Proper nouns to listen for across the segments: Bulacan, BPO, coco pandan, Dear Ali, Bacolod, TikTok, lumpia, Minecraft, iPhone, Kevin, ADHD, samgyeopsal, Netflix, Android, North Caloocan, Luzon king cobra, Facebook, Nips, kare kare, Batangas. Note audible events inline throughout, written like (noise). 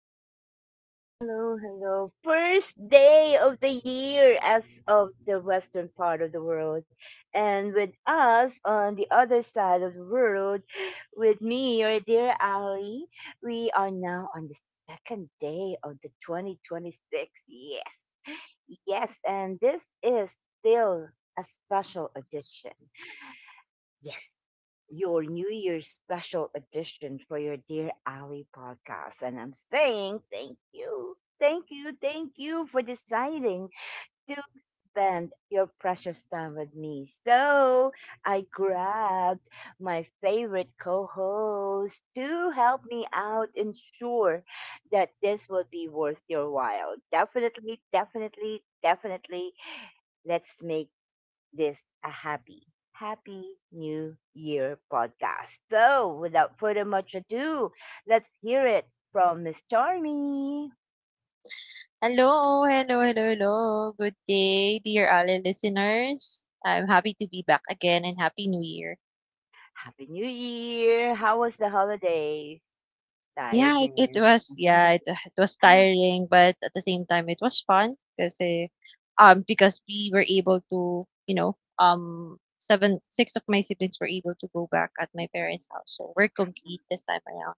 hello, hello, hello, hello. First day of the year as of the western part of the world. And with us on the other side of the world, with me, your dear Ali, we are now on the second day of the 2026. Yes, yes, and this is still a special edition. Yes, your New Year's special edition for your Dear Ali podcast. And I'm saying thank you, thank you, thank you for deciding to spend your precious time with me. So I grabbed my favorite co host to help me out, ensure that this will be worth your while. Definitely, definitely, definitely. Let's make this a happy, happy new year podcast. So, without further much ado, let's hear it from Miss Charmy. Hello, hello, hello, hello. Good day, dear Ali listeners. I'm happy to be back again and happy new year. Happy New Year! How was the holidays? Yeah, Tiredness. (laughs) It was tiring, but at the same time it was fun because we were able to, seven six of my siblings were able to go back at my parents' house. So we're complete this time around.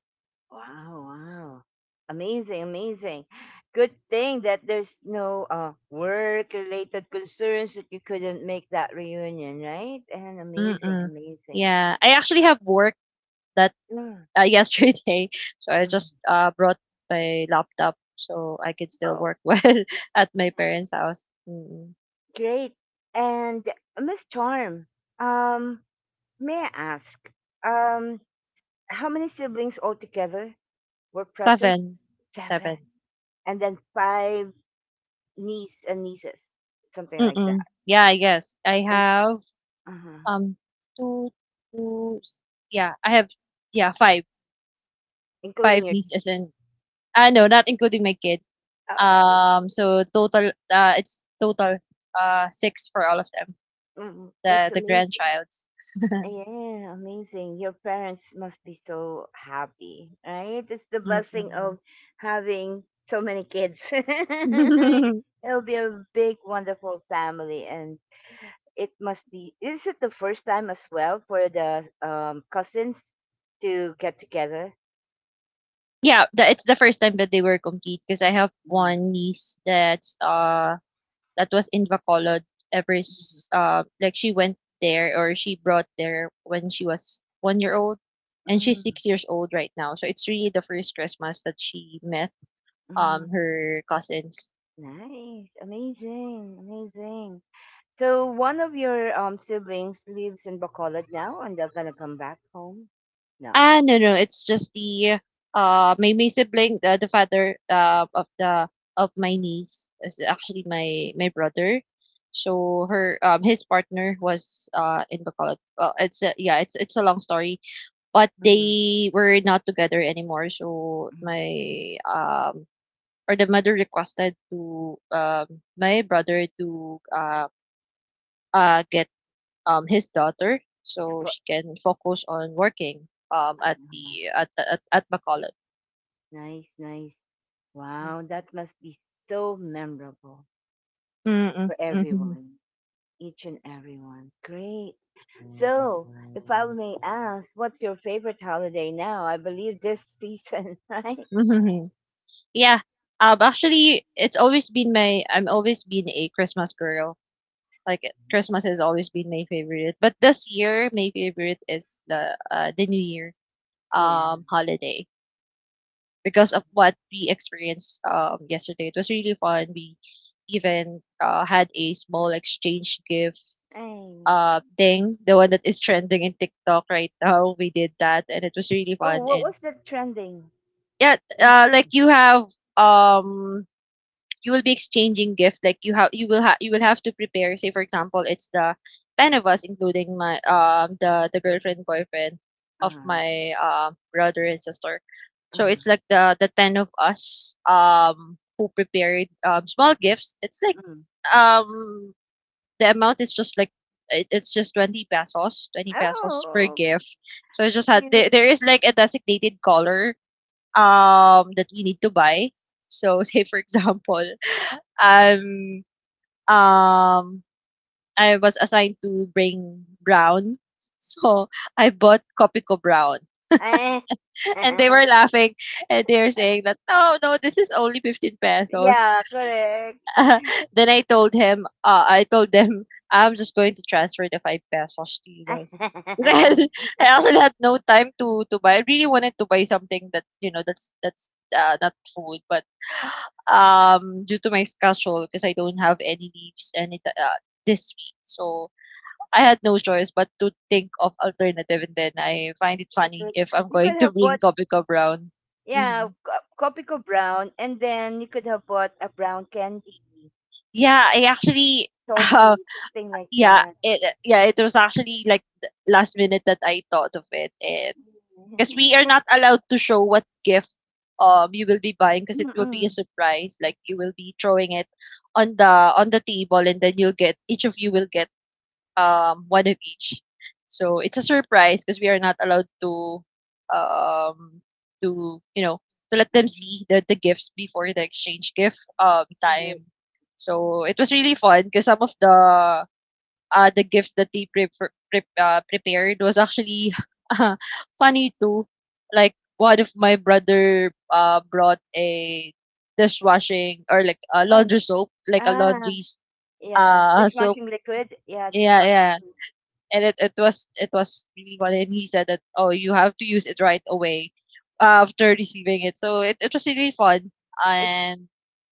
Wow, wow. Amazing, amazing. Good thing that there's no work related concerns that you couldn't make that reunion, right? And amazing, Mm-mm. amazing. Yeah, I actually have work Mm, yesterday. (laughs) So I mm. just brought my laptop so I could still Oh, work (laughs) well at my nice. parents' house. Mm-mm. Great. And Miss Charm, um, may I ask, um, how many siblings altogether were present? Seven, seven. Seven. And then five niece and nieces, something like Mm-mm. that. Yeah, I guess I And have uh um two, two. Yeah, I have yeah five, five including your. nieces and no, not including my kid. Oh, It's total, six for all of them. mm, The that's the amazing. grandchilds. Yeah, amazing. Your parents must be so happy, right? It's the blessing Mm-mm. of having so many kids. (laughs) (laughs) It'll be a big, wonderful family, and it must be. Is it the first time as well for the cousins to get together? Yeah, the it's the first time that they were complete 'cause I have Yeah. one niece that was in Bacolod ever s like she went there or she brought there when she was 1 year old, and she's Mm, 6 years old right now. So it's really the first Christmas that she met, mm. her cousins. Nice, amazing, amazing. So one of your siblings lives in Bacolod now, and they're gonna come back home. No. No, no, it's just the my sibling, the father of the of my niece is actually my brother. So her his partner was in Bacolod. Well, it's a long story, but Mhm, they were not together anymore. So mhm. my or the mother requested to my brother to get his daughter, so Fo she can focus on working at Mhm. Bacolod. Nice, nice. Wow, that must be so memorable Mm-mm, for hmm everyone, each and everyone. Great. So, if I may ask, what's your favorite holiday now? I believe this season, (laughs) right? hmm. (laughs) Yeah. Actually, it's always been my. I'm always been a Christmas girl. Like, Christmas has always been my favorite, but this year my favorite is the New Year Yeah. Holiday, because of what we experienced yesterday. It was really fun. We even had a small exchange gift Um, thing, the one that is trending in TikTok right now. We did that and it was really oh, fun. what And, was the trending? yeah, In like, um you will be exchanging gift, like, you have you will have you will have to prepare. Say for example, it's the 10 of us, including my the girlfriend boyfriend of Japan? my brother and sister. Uh, So uh, it's like the 10 of us who prepared small gifts. It's (laughs) like, mm. um the amount is just like, it's just 20 pesos, 20 pesos per Oh, gift. So I just had there, cute. there is like a designated color that we need to buy. So, (laughs) say for example, um um I was assigned to bring brown, so I bought copico brown. Eh, And they were (laughs) laughing, and they're saying that, no, no, this is only 15 pesos. yeah, correct. (laughs) Then I told them, I'm just going to transfer the 5 pesos to you guys. (laughs) Because (laughs) (laughs) I actually had no time to buy. I really wanted to buy something that's not food, but (gasps) due to my schedule, because I don't have any leaves this week. So I had no choice but to think of alternative. And then I find it funny Cute. if I'm You going could to have bring bought Coffee Cup Brown. yeah, Hmm. Copico brown, and then you could have bought a brown candy, Yeah, I actually toffee, (laughs) something like yeah, that. It was actually like the last minute that I thought of it. And because Mm-mm. we are not allowed to show what gift you will be buying, because it will be a Mm-mm. surprise. Like, you will be throwing it on the table, and then you'll get each of you will get one of each. So it's a surprise, because we are not allowed to um to you know to let them see the gifts before the exchange gift Yeah. time. So it was really fun, because some of the gifts that they prepared was actually (laughs) uh, funny too. Like, one of my brother brought a dishwashing, or like a Oh, laundry soap, like a ah, laundry yeah. Soap. Dishwashing liquid. Yeah, Yeah, dishwashing yeah. soap. And it was really funny. And he said that, oh, you have to use it right away after receiving it. So it was really fun. It, And,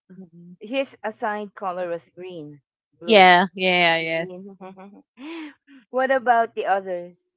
Mhm. mm, His assigned color was green, blue, yeah, yeah, yes. green. (laughs) What about the others?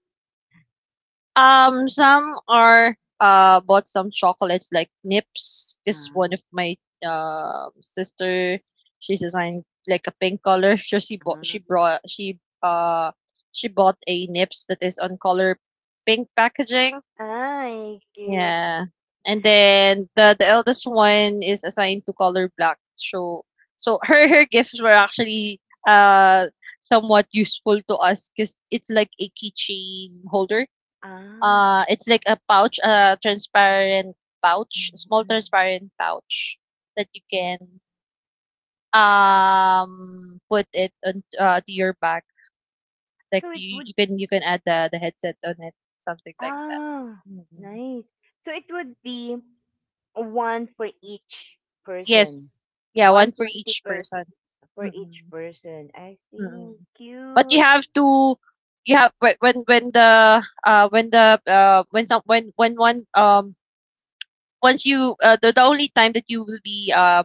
Some are bought some chocolates like Nips. Cause one Ah, of my sister. She's assigned like a pink color. (laughs) So she bought she ah, brought she bought a Nips that is on color pink packaging. ah, cute. Yeah, and then the eldest one is assigned to color black. So, (laughs) her gifts were actually uh somewhat useful to us, because it's like a keychain holder, Ah. It's like a pouch, a transparent pouch, Mm, small mm. transparent pouch that you can put it on, to your back. Like, So it would you can add the headset on it, something like that. ah, Mm-mm. nice. So it would be one for each person. Yes, yeah, One one for twenty each person. person for each Mm-mm. person. I Mm-mm. see. But you Cute. have to, you have when the when the when some when one once you the only time that you will be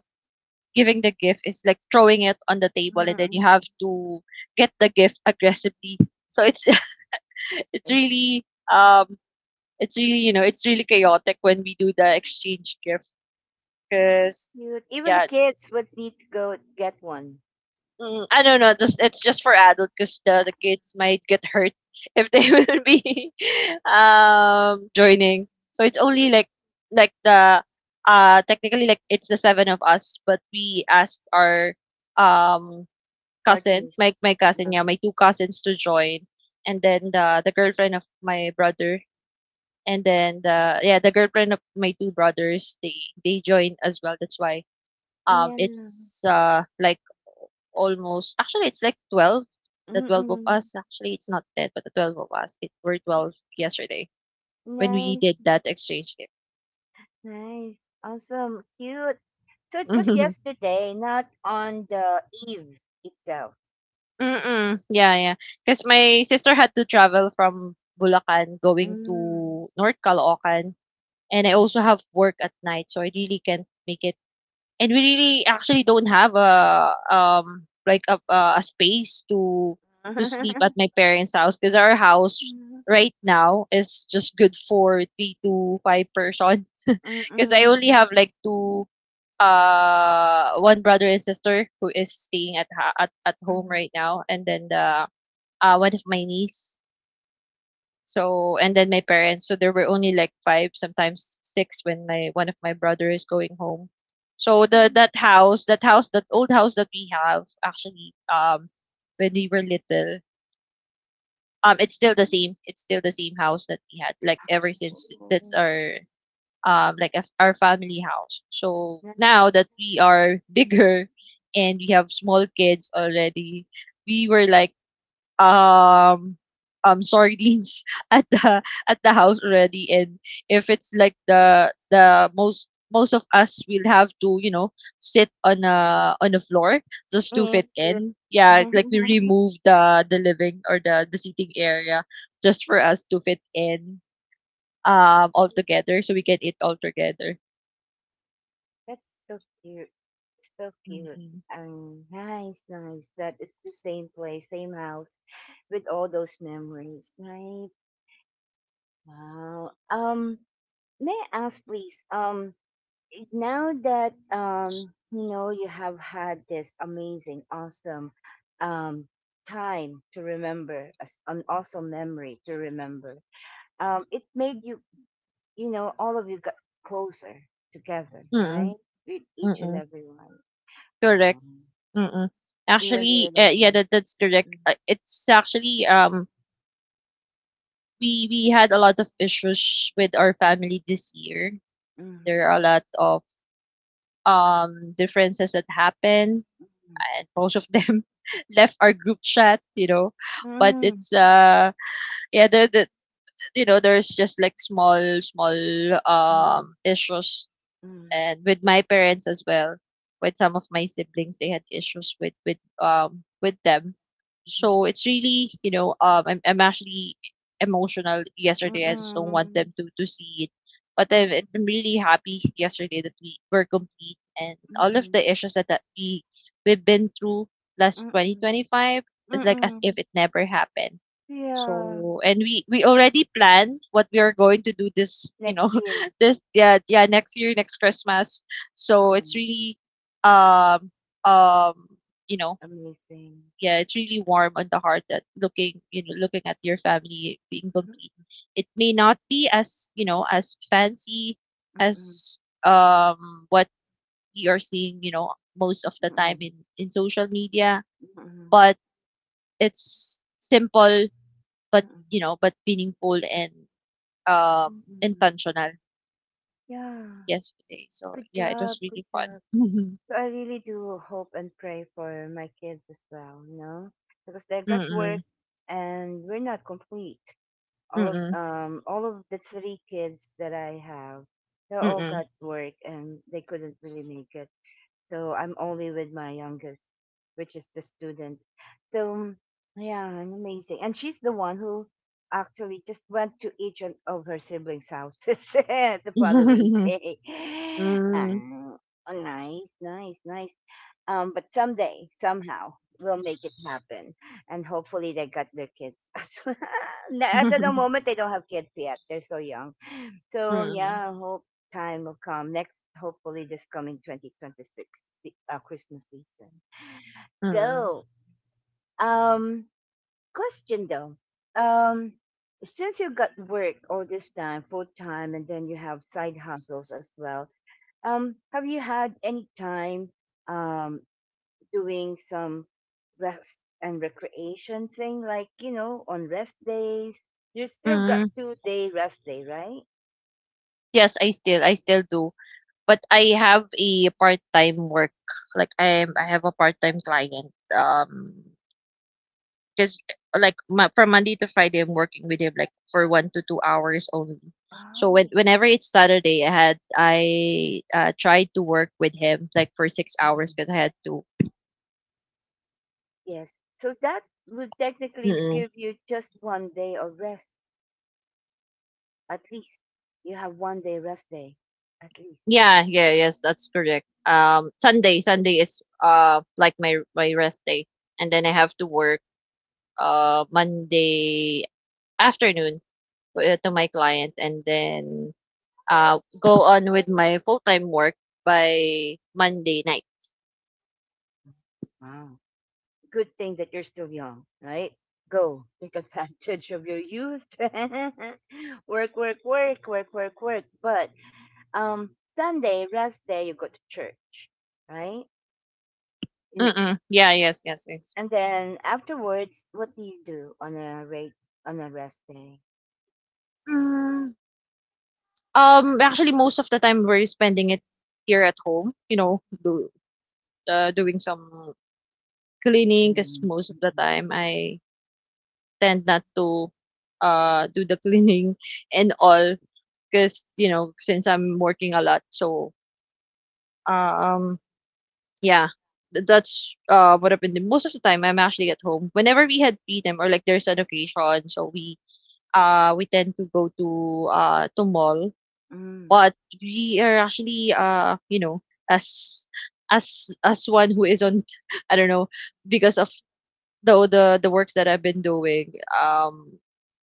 giving the gift is like throwing it on the table, and then you Mm-mm. have to get the gift aggressively. So it's (laughs) it's really um it's really chaotic when we do the exchange gift, So because cute. Even the yeah kids would need to go get one. I don't know, just it's just for adult, because the, Ah, the kids might get hurt if they (laughs) will be joining. So it's only cute like the technically, like, it's the seven of us, but we asked our um cousin, partners. my cousin, yeah, Um, my two cousins to join. And then the girlfriend of my brother, and then the girlfriend of my two brothers. They join as well. That's why yeah. it's like, almost, actually, it's like 12, the 12 of Mm-mm. us. Actually, it's not 10, but the 12 of us. It were 12 yesterday when we Nice, did that exchange gift. nice, awesome, cute. So it was (laughs) yesterday, not on the eve itself. Mm-mm. Yeah, yeah. Because my sister had to travel from Bulacan going Mm. to North Caloocan, and I also (laughs) have work at night, so I really can't make it. And we really actually don't have a like a space to sleep at Mhm. my parents' house, because our house right now is just good for three to five person. (laughs) Mm, Because I mm, only have like two one brother and sister who is staying at ha- at home mm. right now, and then the one of my niece. So, and then my parents, so there were only like 5, sometimes 6, when my one of my brother is going home. So the that old house that we have actually, when we were little, it's still the same. It's still the same house that we had, like, ever since. Oh, That's our our family house. So now nice. that we are (laughs) bigger, and we have small kids already, we were like um sardines (laughs) at the house already. And if it's like the most of us will have to sit on a floor just to fit Thank you. in. Yeah, like, we (laughs) remove the living, or the seating area, just for us to fit in all together, so we can eat all together. That's so cute. So cute. Mm-mm. Nice, nice. That it's the same place, same house with all those memories, right? Wow. May I ask please, now that you have had this amazing, awesome um, time to remember, an awesome memory to remember. It made you, all of you got closer together, Mm-mm. right? With each and Mm-mm. everyone, Correct. Mm-mm. even the Actually, little yeah, ones. that's correct. Mm-mm, It's actually We had a lot of issues with our family this year. mm-mm, There are a lot of differences that happened, and most of them (laughs) left our group chat, you know. But mm-mm, it's yeah, the you know, there's just like small issues, and with my parents as well. With some of my siblings, they had issues with them. So it's really, I'm actually emotional. mm-mm, Yesterday, I just don't want mm-mm, them to see it. But I'm, mm-mm, I'm really happy yesterday that we were complete, and mm-mm, all of mm-mm, the issues that we've been through last mm-mm, 2025 is like as mm-mm. if it never happened. Yeah. So, and we already planned what we are going to do Next year. (laughs) this next year, next Christmas. So it's Um, really um um you know amazing. yeah it's really warm on the heart, that, looking, looking at your family being complete. Mhm, It may not be as, as fancy mm-mm. as, what we are seeing, most of the time Mm-mm. in social media, Mm-mm. but it's simple, but, Mm-mm. Meaningful, and, um, Mm-mm. intentional Yeah. yesterday. So Good yeah, it was job. Good really fun. job. (laughs) So I really do hope and pray for my kids as well, because they got work Mm-mm. and we're not complete. Mm-mm. All of the three kids that I have, they all Mm-mm. got work and they couldn't really make it. So I'm only with my youngest, which is the student. So yeah, I'm amazing. And she's the one who actually just went to each and of her siblings' houses (laughs) the following (laughs) day. (laughs) Mm. Um, oh, nice, nice, nice. But someday, somehow, we'll make it happen. And hopefully they got their kids (laughs) as well. At the moment, (laughs) they don't have kids yet. They're so young. So Mm. yeah, I hope time will come next. Hopefully, this coming 2026 Christmas season. Mm. So, um, question though, um, since you got work all this time, full time, and then you have side hustles as well. Have you had any time um doing some rest and recreation thing, like on rest days? You still got Mm. 2-day rest day, right? Yes, I still do. But I have a part-time work. Like I Mhm. have a part-time client. Because from Monday to Friday, I'm working with him like for 1 to 2 hours only. So whenever it's Saturday, I tried to work with him like for 6 hours Oh. because I had to. Yes. So that would technically Mm-mm. give you just one day of rest, at least. You have one day rest day, at least. Yeah, yeah, yes, that's correct. Sunday, Sunday is like my rest day, and then I have to work Monday afternoon, to my client, and then go on with my full time work by Monday night. Wow. Good thing that you're still young, right? Go take (laughs) advantage of your youth. (laughs) Work, work, work, work, work, work. But um, Sunday, rest day, you go to church, right? And, Mm. Yeah, yes, yes, yes. and then afterwards, what do you do on a rest day? Mm, actually, most of the time we're spending it here at home, doing some cleaning because most of the time I tend not to do the (laughs) cleaning and all because you know since I'm working a lot, so um yeah, that's what happened. Most of the time I'm actually at home. Whenever we had freedom or like there's an occasion, so we tend to go to mall. Mm-hmm. But we are actually, you know, as as one who isn't, (laughs) I don't know, because of the works that I've been doing,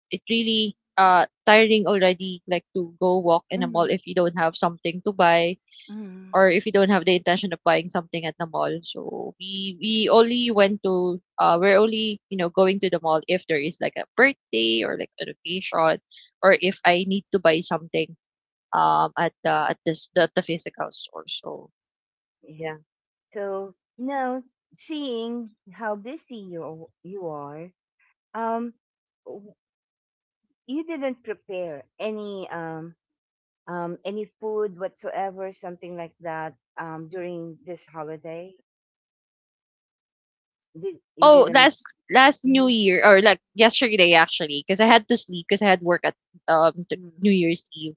it really tiring already. Like to go walk in a mall if you don't have something to buy Mm, or if you don't have the intention of buying something at the mall. So we only went to we're only you know going to the mall if there is like a birthday or like an occasion or if I need to buy something at the at the physical store. So yeah. yeah. So now seeing how busy you are, um, w- you didn't prepare any food whatsoever, something like that, during this holiday. Did you Oh, didn't? Last New Mhm, Year or like yesterday actually, because I had to sleep because I had work at hmm. New Year's Eve.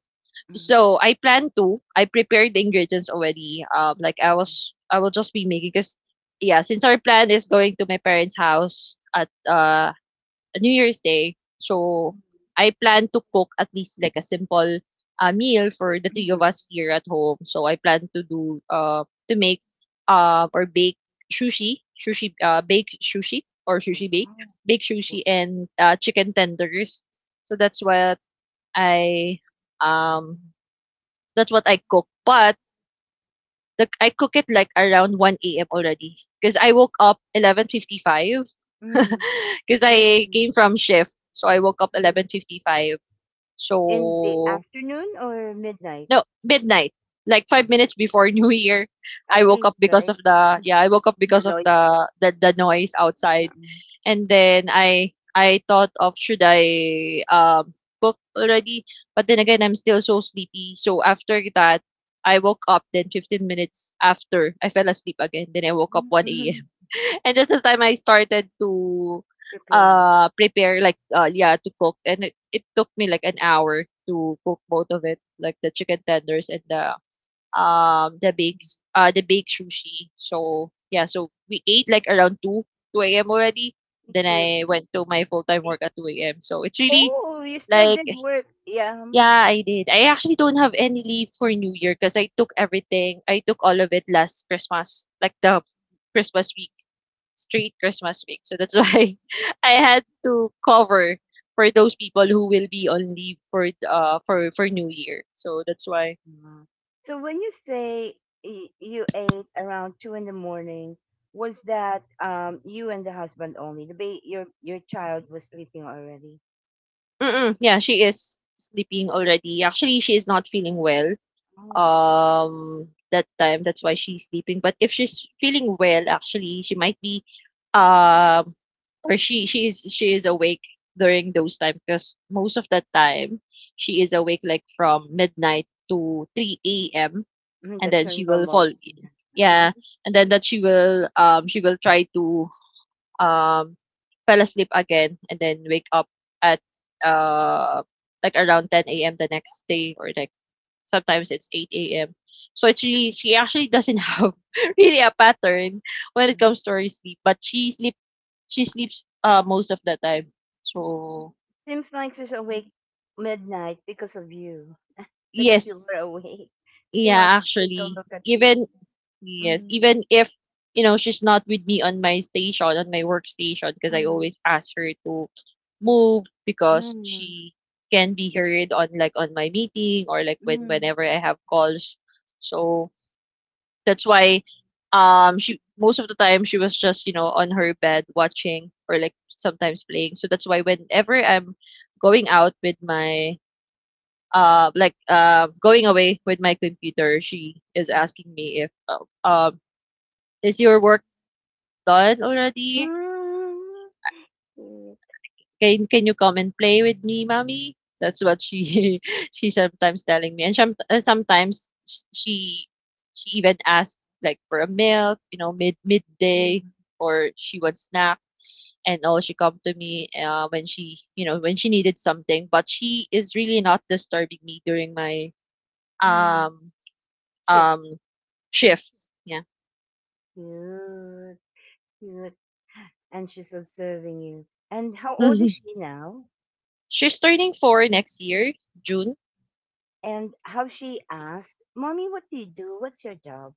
Hmm. So I plan to. I prepared the ingredients already. Mhm, I will just be making because yeah, since our plan is going to my parents' house at New Year's Day. So hmm. I plan to cook at least like a simple, meal for the three of us here at home. So I plan to do to make or bake sushi, sushi bake sushi or sushi bake, Wow. bake sushi and, chicken tenders. So I um Wow. that's what I cook. But like I cook it like around 1 a.m. already because I woke up 11:55 Mm, because (laughs) yeah. I came from shift. So I woke up Mm. 11:55. In the So afternoon or midnight, no, midnight. Like 5 minutes before (laughs) New Year, at I woke up least, because right? of (laughs) the yeah, I woke up The because of noise. the noise outside. Mm-hmm. And then I thought of should I cook already, but then again I'm still so sleepy. So after that, I woke up. Then 15 minutes after, I fell asleep again. Then I woke up 1 a.m. Mhm. (laughs) and that's the time I started to Prepare. Prepare like yeah to cook, and it took me like an hour to cook both of it, like the chicken tenders and the bakes the baked sushi. So yeah, so we ate like around two a.m. already. Thank Then you. I went to my full time Y- work at two a.m. So it's really Oh, you still like did work. Yeah. Yeah, I did. I actually don't have any leave for New Year because I took everything. I took all of it last Christmas, like the Christmas week, straight Christmas week. So that's (laughs) why I had to cover for those people who will be on leave for for New Year. So that's why. uh, So when you say you ate around two in the morning, was that you and the husband only? The your child was sleeping already. Mm-mm, yeah, she is sleeping already. Actually, she is not feeling well. Oh, That time, that's why she's sleeping. But if she's feeling well, actually, she might be, um, or she is awake during those time because most of the time she is awake like from midnight to 3 a.m. mhm, and that's then her she will fall. normal. Yeah. Yeah, (laughs) and then that she will try to, um, fell asleep again and then wake up at, uh, like around 10 a.m. the next day or like sometimes it's 8 a.m. So it's really she actually doesn't have (laughs) really a pattern when it Mm. comes to her sleep, but she sleeps most of the time. So Seems like she's awake midnight because of you, because you yes, were awake. (laughs) She wants yeah, to take a actually, look at you. even yes, Mm, even if you know she's not with me on my station, on my workstation, because I mm, always ask her to move because mm, she can be heard on like on my meeting or like mm. whenever I have calls. So that's why she most of the time she was just you know on her bed watching or like sometimes playing. So that's why whenever I'm going out with my going away with my computer, she is asking me if is your work done already? うんCute. Can you come and play with me, mommy?" That's what she (laughs) she sometimes telling me, and sometimes she even asks like for a milk, you know, midday, Mm, or she wants snack, and all she come to me, when she you know when she needed something. But she is really not disturbing me during my mm. um Shift. um shift. Yeah, Cute. Cute. And she's observing you. And how old is (laughs) she now? she's turning four next year, June. And how she asked, Mommy, what do you do? What's your job?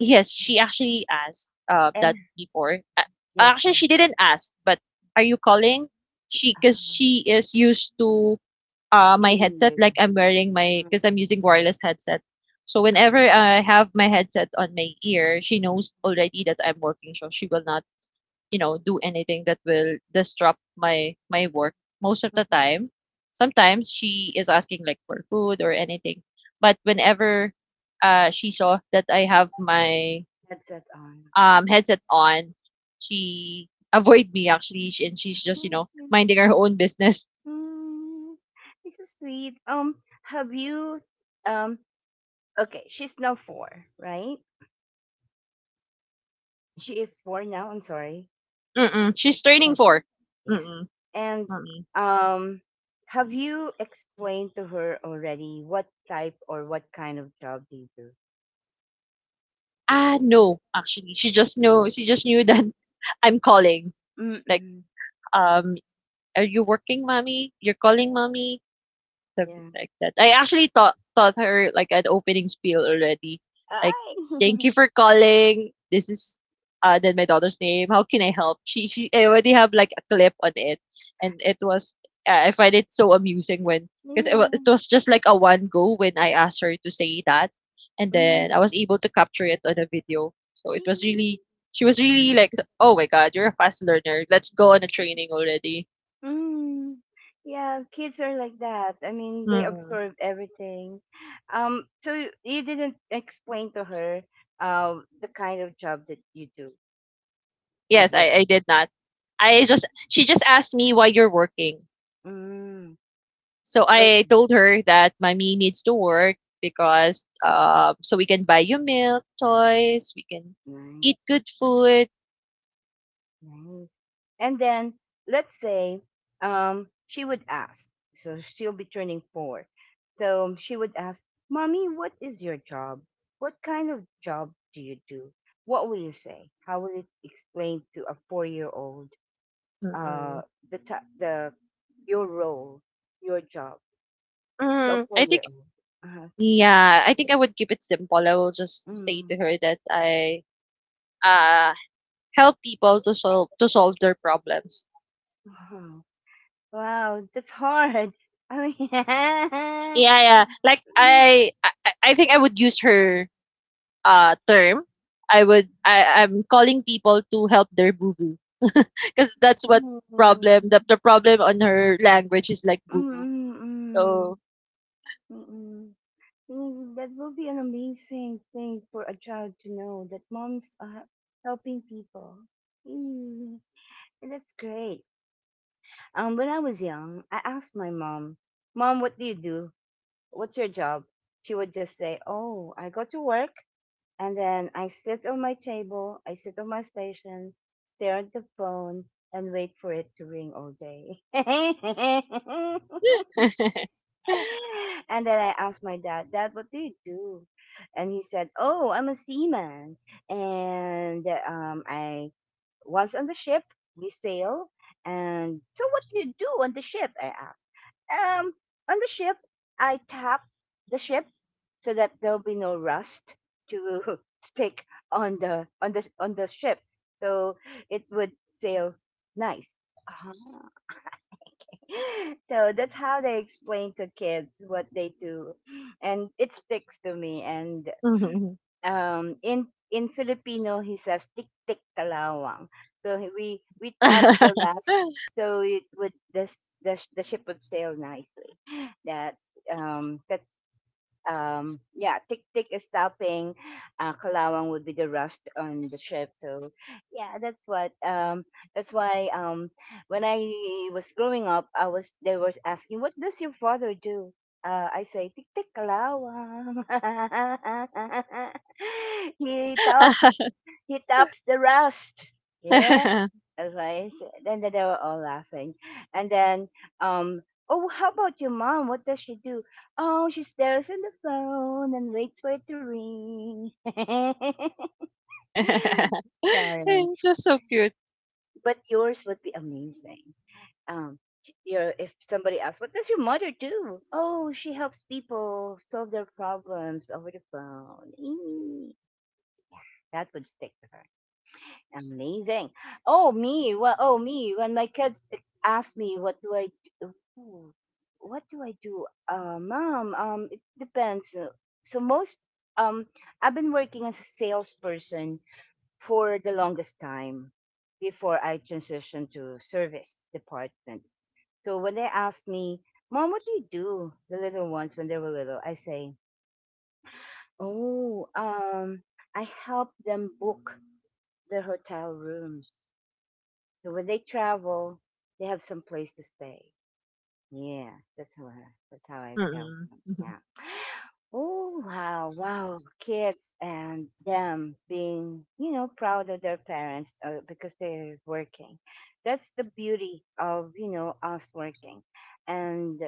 Yes, she actually asked, And that before. Yes, Actually, ma'am. she didn't ask, but are you calling? She, Ah, because she is used to, my see headset, like you. Mm, because I'm using wireless headset. So ah, whenever I have my headset on my ear, she knows already that I'm working, so she will not, you know, do anything that will disrupt my work most of the mhm. time. Sometimes she is asking like for food or anything, but whenever, she saw that I have my, Headset on. Headset on, she avoid me actually, and she's just you I know see. minding her own business. Mm, this is sweet. Have you um okay, she's now four, right? She is four now, I'm sorry. Mm-mm. She's training Yes. for. Yes. Mm-mm. And Mm-mm. um have you explained to her already what type or what kind of job do you do? Ah, no, actually, she just knew that (laughs) I'm calling. Like, Mm-mm. um, are you working, mommy? You're calling, mommy. Yeah. Something like that. I actually taught her like an opening spiel already. Like, thank you I for (laughs) calling. This is then my daughter's name. How can I help? She I already have like a clip on it, and it was I find it so amusing when because yeah. it was just like a one go when I asked her to say that, and then I Mm. was able to capture it on a video. So it was really she was really Mm. like, oh my god, you're a fast learner. Let's go on a training already. Mm. Yeah, kids are like that. I mean, they absorb everything. So you didn't explain to her the kind of job that you do. Not Yes, yet. I did not. I just she just asked me why you're working. Mm. So I Okay. told her that mommy needs to work because so we can buy you milk, toys, we can Nice. eat good food. Nice. And then let's say she would ask, so she'll be turning four. So she would ask, Mommy, what is your job? What kind of job do you do? What will you say? How will it explain to a 4-year old uh, Mm-mm. the, ta- the your role, your job to a Mm, four I year think old? yeah, I think I would keep it simple. I will Uh, just say mm, to her that I uh help people to solve their problems. wow, wow, that's hard. (laughs) I Yeah, yeah. Like mean, I think I would use her, term, I'm calling people to help their boo boo because (laughs) that's (laughs) what mm, problem the problem on her language is like boo mm, boo. mm, So mm. Mm, that will be an amazing thing for a child to know that moms are helping people. Mm, and that's great. When I was young, I asked my mom, "Mom, what do you do? What's your job?" She would just say, "Oh, I go to work, and then I sit on my table, I sit on my station, stare at the phone, and wait for it to ring all day." (laughs) (laughs) And then I asked my dad, Dad, what do you do? And he said, Oh, I'm a seaman. And I once on the ship, we sail. And so, what do you do on the ship? I asked. Um, on the ship, I tap the ship so that there'll be no rust to (laughs) stick on the on the on the ship, so it would sail nice. Uh-huh. (laughs) So that's how they explain to kids what they do, and it sticks to me. And (laughs) it in Filipino he says tik tik kalawang, so we tap the rust, so it would the s- the, sh- the ship would sail nicely. That's Yeah, tick tick is stopping, kalawang would be the rust on the ship. So yeah, that's why when I was growing up, I was they were asking, what does your father do? I say tick tick kalawang. (laughs) he top he tops the rust. Yeah advice. Then they were all laughing. And then, um, oh, how about your mom? What does she do? Oh, she stares at the phone and waits for it to ring. (laughs) Parents, was so cute. but yours would be amazing. Um, your if somebody asks, what does your mother do? Oh, she helps people solve their problems over the phone. Eee. That would stick to her. Amazing. Oh me, well, oh me. When my kids ask me, Hmm, What do I do? Mom, it depends. So um, I've been working as a salesperson for the longest time before I transitioned to service department. So when they ask me, Mom, what do you do? The little ones, when they were little, I say, Oh, um, I help them book their hotel rooms. So when they travel, they have some place to stay. Yeah, that's how I, that's how I tell Mm-mm. them. Mhm. Yeah. Oh wow, wow, kids and them being, you know, proud of their parents because they're working. That's the beauty of, you know, us working. And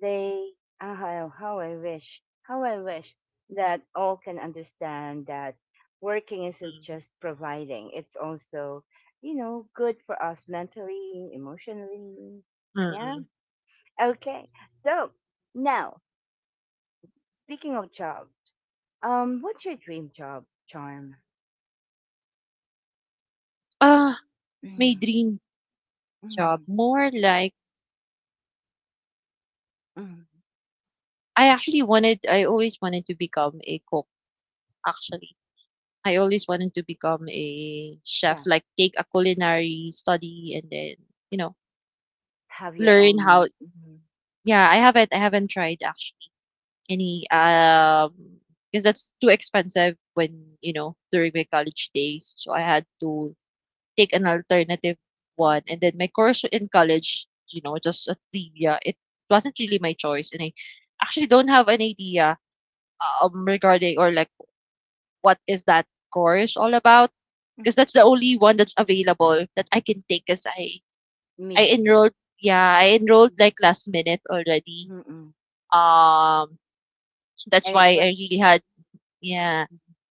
they, how, how I wish that all can understand that working isn't Mm. just providing. It's also, you know, good for us mentally, emotionally. Yeah. Mm-mm. Okay. So now, speaking of jobs, what's your dream job, Charm? Ah, my Mm, dream job mm, more like mm. I actually wanted. I always wanted to become a cook. Actually I always wanted to become a chef, Chef, like take a culinary study and then, you know, have your learn how own yeah, I haven't tried actually any because that's too expensive when, you know, during my college days. So I had to take an alternative one and then my course in college, you know, just a trivia. It wasn't really my choice and I actually don't have an idea regarding or like what is that course all about because mm, that's the only one that's available that I can take. Cause I immediately. enrolled, yeah, I enrolled Mm, like last minute already. mm, mm. Um, that's And it why I was, really had, yeah.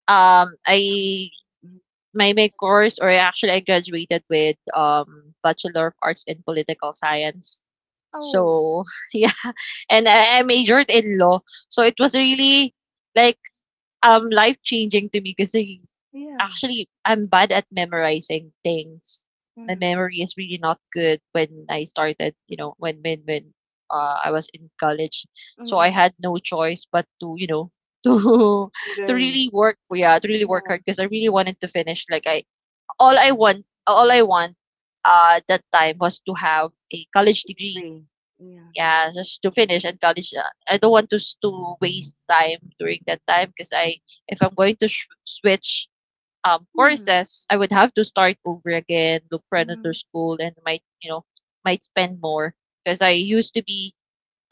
Mm, I mm. my course, or actually I graduated with Bachelor of Arts in Political Science. oh So (laughs) yeah, and I majored in law. So it was really like life changing to me because yeah, actually I'm bad at memorizing things. My mm, memory is really not good when I started, you know, when I was in college. mm, So I mm. had no choice but to, you know, (laughs) to to learn, really work, yeah, to really work yeah, hard because I really wanted to finish. All I want, at that time was to have a college degree. degree, yeah, Yeah, just to finish and college. I don't want to to waste time during that time because if I'm going to switch mm, courses, I would have to start over again, look for another mm, school, and might might spend more because I used to be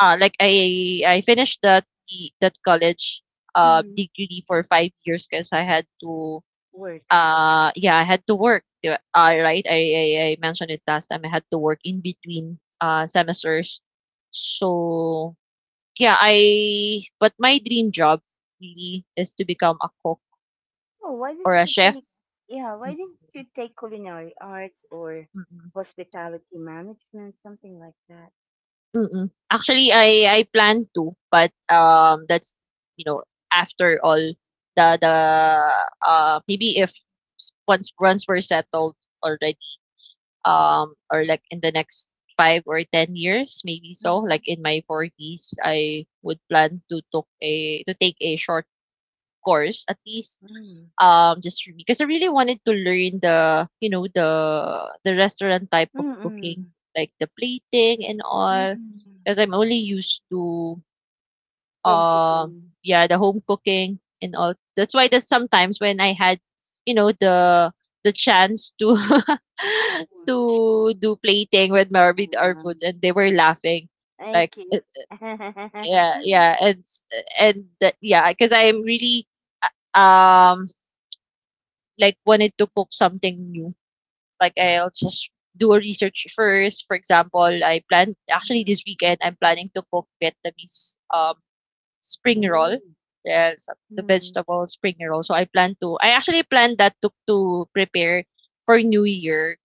like I finished that college mm. degree for 5 years because I had to work. Yeah I had to work di ba? Right I mentioned it last time. I had to work in between semesters, so yeah. I but my dream job really is to become a cook Oh, why or didn't a you chef. take yeah, why didn't you take culinary arts or Mm-hmm. hospitality management, something like that? Mm. Actually, I plan to, but, that's, you know, after all the the, maybe if s once once we're settled already, or, like, in the next 5 or 10 years, maybe so, Mm-hmm. like, in my 40s, I would plan to took a to take a short course, at least, Mm-hmm. Just for me because I really wanted to learn the you know the restaurant type of cooking, Mm-mm. like the plating and all. Mm-mm. Because I'm only used to Home uh, cooking. yeah, the home cooking and all. That's why that sometimes when I had the chance to (laughs) Watch. to do plating with my with our foods Um, and they were laughing thank like you. yeah. (laughs) Yeah and s- and that yeah because I am really um like wanted to cook something new. Like I'll just do a research first. For example, I plan, actually Mm. this weekend I'm planning to cook Vietnamese spring Ooh. roll. Yes, the Mm. vegetable spring roll. So I plan to, I actually planned that to prepare for New Year,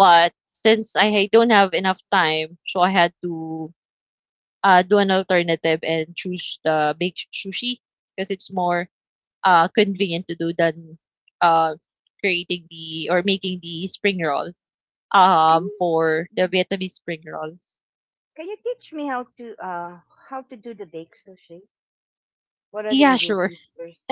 but since I don't have enough time, so I had to do an alternative and choose the baked sushi because it's more Mm. convenient to do than uh creating the or making the spring roll, Can you for the Mhm. Vietnamese spring roll. Can you teach me how to do the baked sushi? What are the Yeah, sure. (laughs) ingredients first?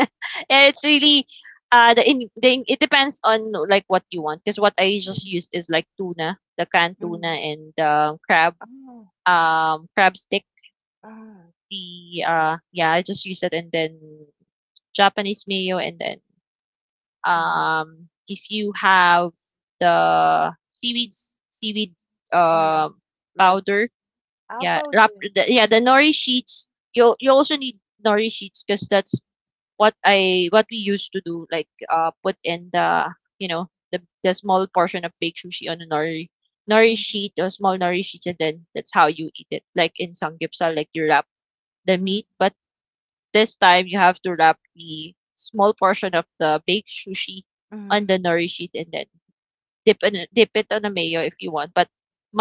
Yeah, it's really it depends on like what you want, because what I just Mm. use is like tuna, the canned tuna, Mm. and crab, Oh, crab stick. Ah. The yeah, I just use it, and then Japanese mayo, and then um, if you have the seaweed um, um wrap powder. Yeah, Apaw wrap din. the, yeah, the nori sheets. You also need nori sheets because that's what I what we used to do, like put in the the small portion of baked sushi on a nori Mm, sheet or small nori sheets, and then that's how you eat it. Like in samgyeopsal, like you wrap the mm, meat, but this time you have to wrap the small portion of the baked sushi on mm. the nori sheet, and then dip it on a mayo if you want, but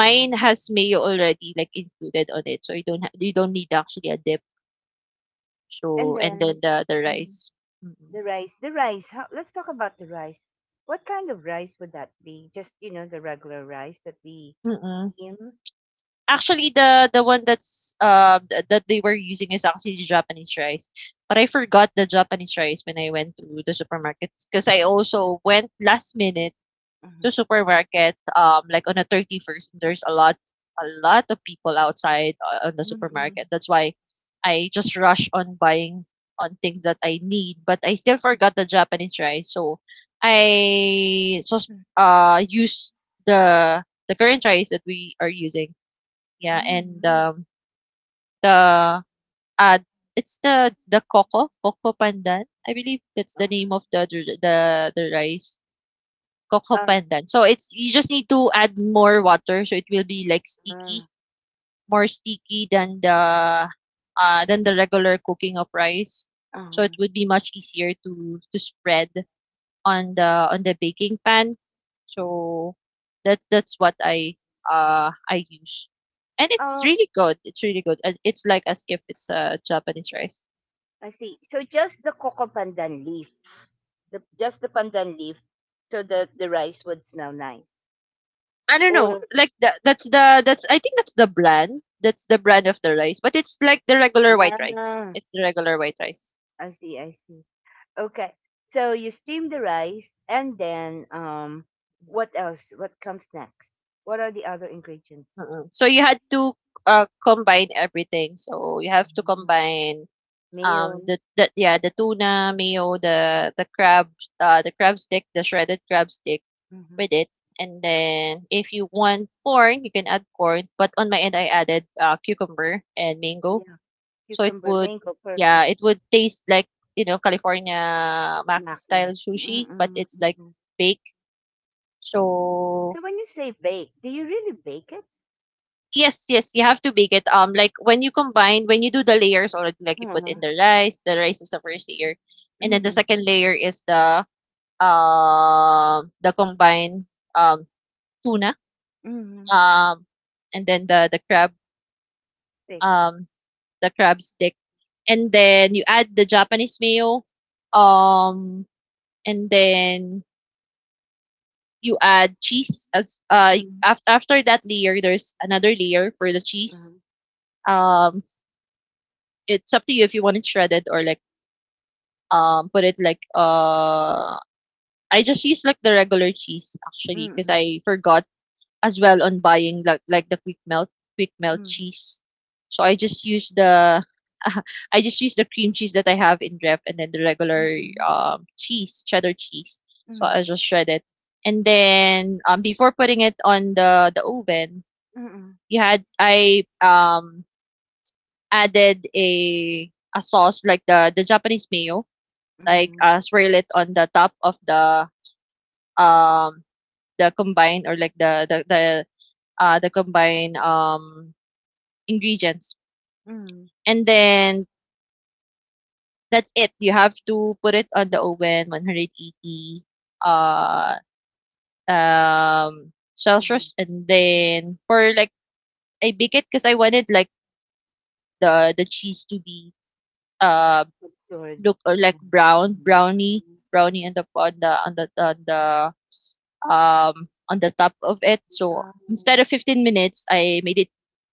Wow. has mayo already like included on it, so you don't you don't need actually a dip. And So and then then the Mm. rice. Mm-mm. the rice. The rice. How, let's talk about the rice. What kind of rice would that be? Just, you know, the regular rice that we Mm-mm. steam? Actually, the one that's that they were using is actually Japanese rice, but I forgot the Japanese rice when I went to the supermarket, because I also went last minute Mm-hmm. to supermarket like on the 31st. There's a lot of people outside on the Mm-hmm. supermarket. That's why I just rush on buying on things that I need, but I still forgot the Japanese rice. So I just use the current rice that we are using. Yeah, and, Mm-hmm. Nice. The, uh, it's the coco pandan. I believe that's the name Uh-huh. of the rice, coco Uh, pandan. So it's, you just need to add more water, so it will be, like, uh, sticky, more sticky than than the regular cooking of rice. So it uh would be much easier to spread on the baking pan. uh So that's what I use. And it's oh, really good. It's really good. It's like as if it's a Japanese rice. I see. So just the coco pandan leaf. The, just the pandan leaf so that the rice would smell nice. I don't know. Or, Like that's the that's I think that's the brand. That's the brand of the rice, but it's like the regular white rice. ah, It's the regular white rice. I see, I see. Okay. So you steam the rice and then what else? What comes next? What are the other ingredients? Mm-mm. So you had to combine everything. So you have to Mm, combine Mayo. the, yeah, the tuna mayo, the crab stick, the shredded crab stick Hmm with it. And then if you want corn, you can add corn. But on my end, I added cucumber and mango, Yeah. so it Cucumber, would, mango, yeah, perfect. it would taste like you know California mac Maki. style sushi, but Mm-mm, it's like mm-mm. baked. So So when you say bake, do you really bake it? yes, yes, you have to bake it. Like when you combine, when you do the layers already, like you put in Uh-huh. the rice. The rice is the first layer, and then the Mm-hmm. second layer is the combined um tuna Mm-hmm. um and then the crab, Steak. um, the crab stick, and then you add the Japanese mayo, um, and then you add cheese as Mm-hmm. after that layer there's another layer for the cheese. Uh-huh. Um, it's up to you if you want it shredded or like put it like I just use like the regular cheese actually because Mm-hmm. I forgot as well on buying like the quick melt Mm-hmm. cheese. So I just use the (laughs) I just use the cream cheese that I have in ref, and then the regular Mm-hmm. Cheese, cheddar cheese. So I just shred it. And then before putting it on the oven, Mm-hmm. you had I added a sauce like the Japanese mayo, like Mm-hmm. Swirl it on the top of um the combine or like the combine ingredients. Mm-hmm. And then that's it. You have to put it on the oven 180 uh Mm-hmm. Celsius and then for like I bake it because I wanted like the cheese to be uh Absurd. look Yeah. like brownie Mm-hmm. On the on the on the on the on the top of it. So instead Wow. of 15 minutes, I made it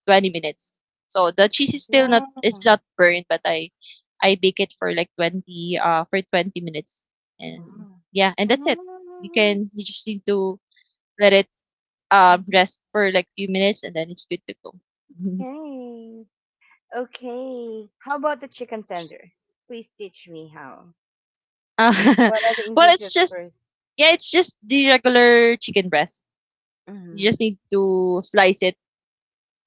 20 minutes. So the cheese is still not, it's Wow. not burned, but I bake it for like 20 for 20 minutes, and Wow. yeah, and that's it. You Mm. can, you just need to let it Mhm. rest for like few minutes, and then it's good to go. (laughs) Okay. How about the chicken tender? Please teach me how. Uh, (laughs) What are the well, it's ingredients just, first? yeah, it's just the regular chicken breast. You Mm-hmm. just need to slice it.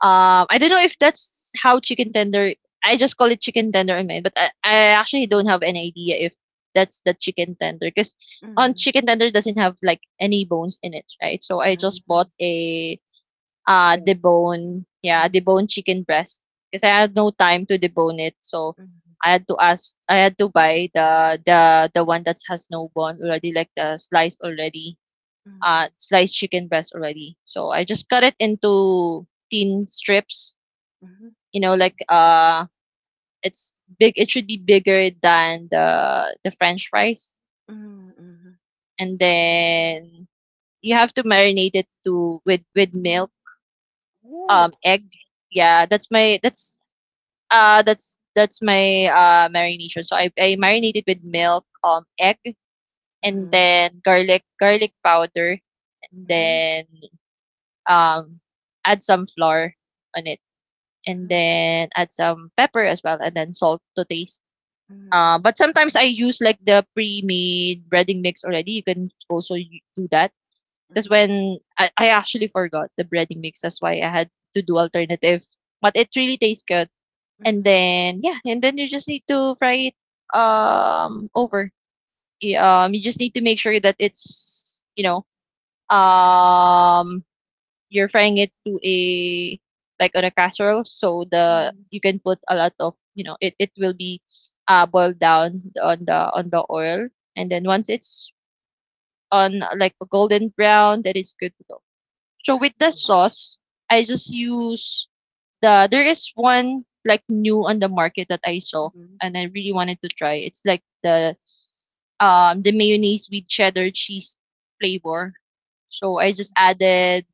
I don't know if that's how chicken tender. I just call it chicken tender in mine, but I actually don't have any idea if that's the chicken tender because on Mm-hmm. chicken tender doesn't have like any bones in it, right? So I just bought Mm-hmm. a Breast. debone, yeah, Mm-hmm. debone chicken breast, because I had no time to debone it, so I had to ask, I had to buy the one that has no bone already, like the slice already, Mm-hmm. Sliced chicken breast already. So I just cut it into thin strips, Mm-hmm. you know, like it's big. It should be bigger than the French fries, Mm-hmm. Mm-hmm. and then you have to marinate it to with milk, Ooh. Egg. Yeah, that's my marination. So I marinated with milk, egg, and Mm-hmm. then garlic powder, and Mm-hmm. then um add some flour on it, and Mm-hmm. then add some pepper as well, and then salt to taste. Mm-hmm. But sometimes I use like the pre-made breading mix already. You can also do that because when I actually forgot the breading mix, that's why I had to do alternative. But it really tastes good. And Mm-hmm. then yeah, and then you just need to fry it over. You just need to make sure that it's you know um you're frying it to a like on a casserole, so the Mm-hmm. you can put a lot of you know it it will be boiled down on the oil, and then once it's on like a golden brown, that is good to go. So with the sauce, I just use there is one like new on the market that I saw Mm-hmm. and I really wanted to try. It's like the mayonnaise with cheddar cheese flavor. So I just added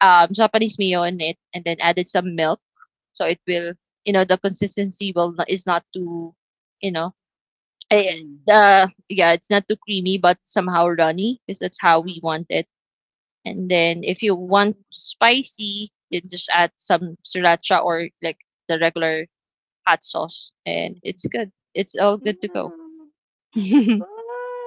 Japanese mayo in it, and then added some milk, so it will, you know, the consistency will not, is not too, you know, eh, Cream. Yeah, it's not too creamy, but somehow runny, because that's how we Mm-hmm. want it. And then if you want Mm-hmm. spicy, then just add some sriracha or like the regular hot sauce, and it's Mm. good. It's all good to go. Wow,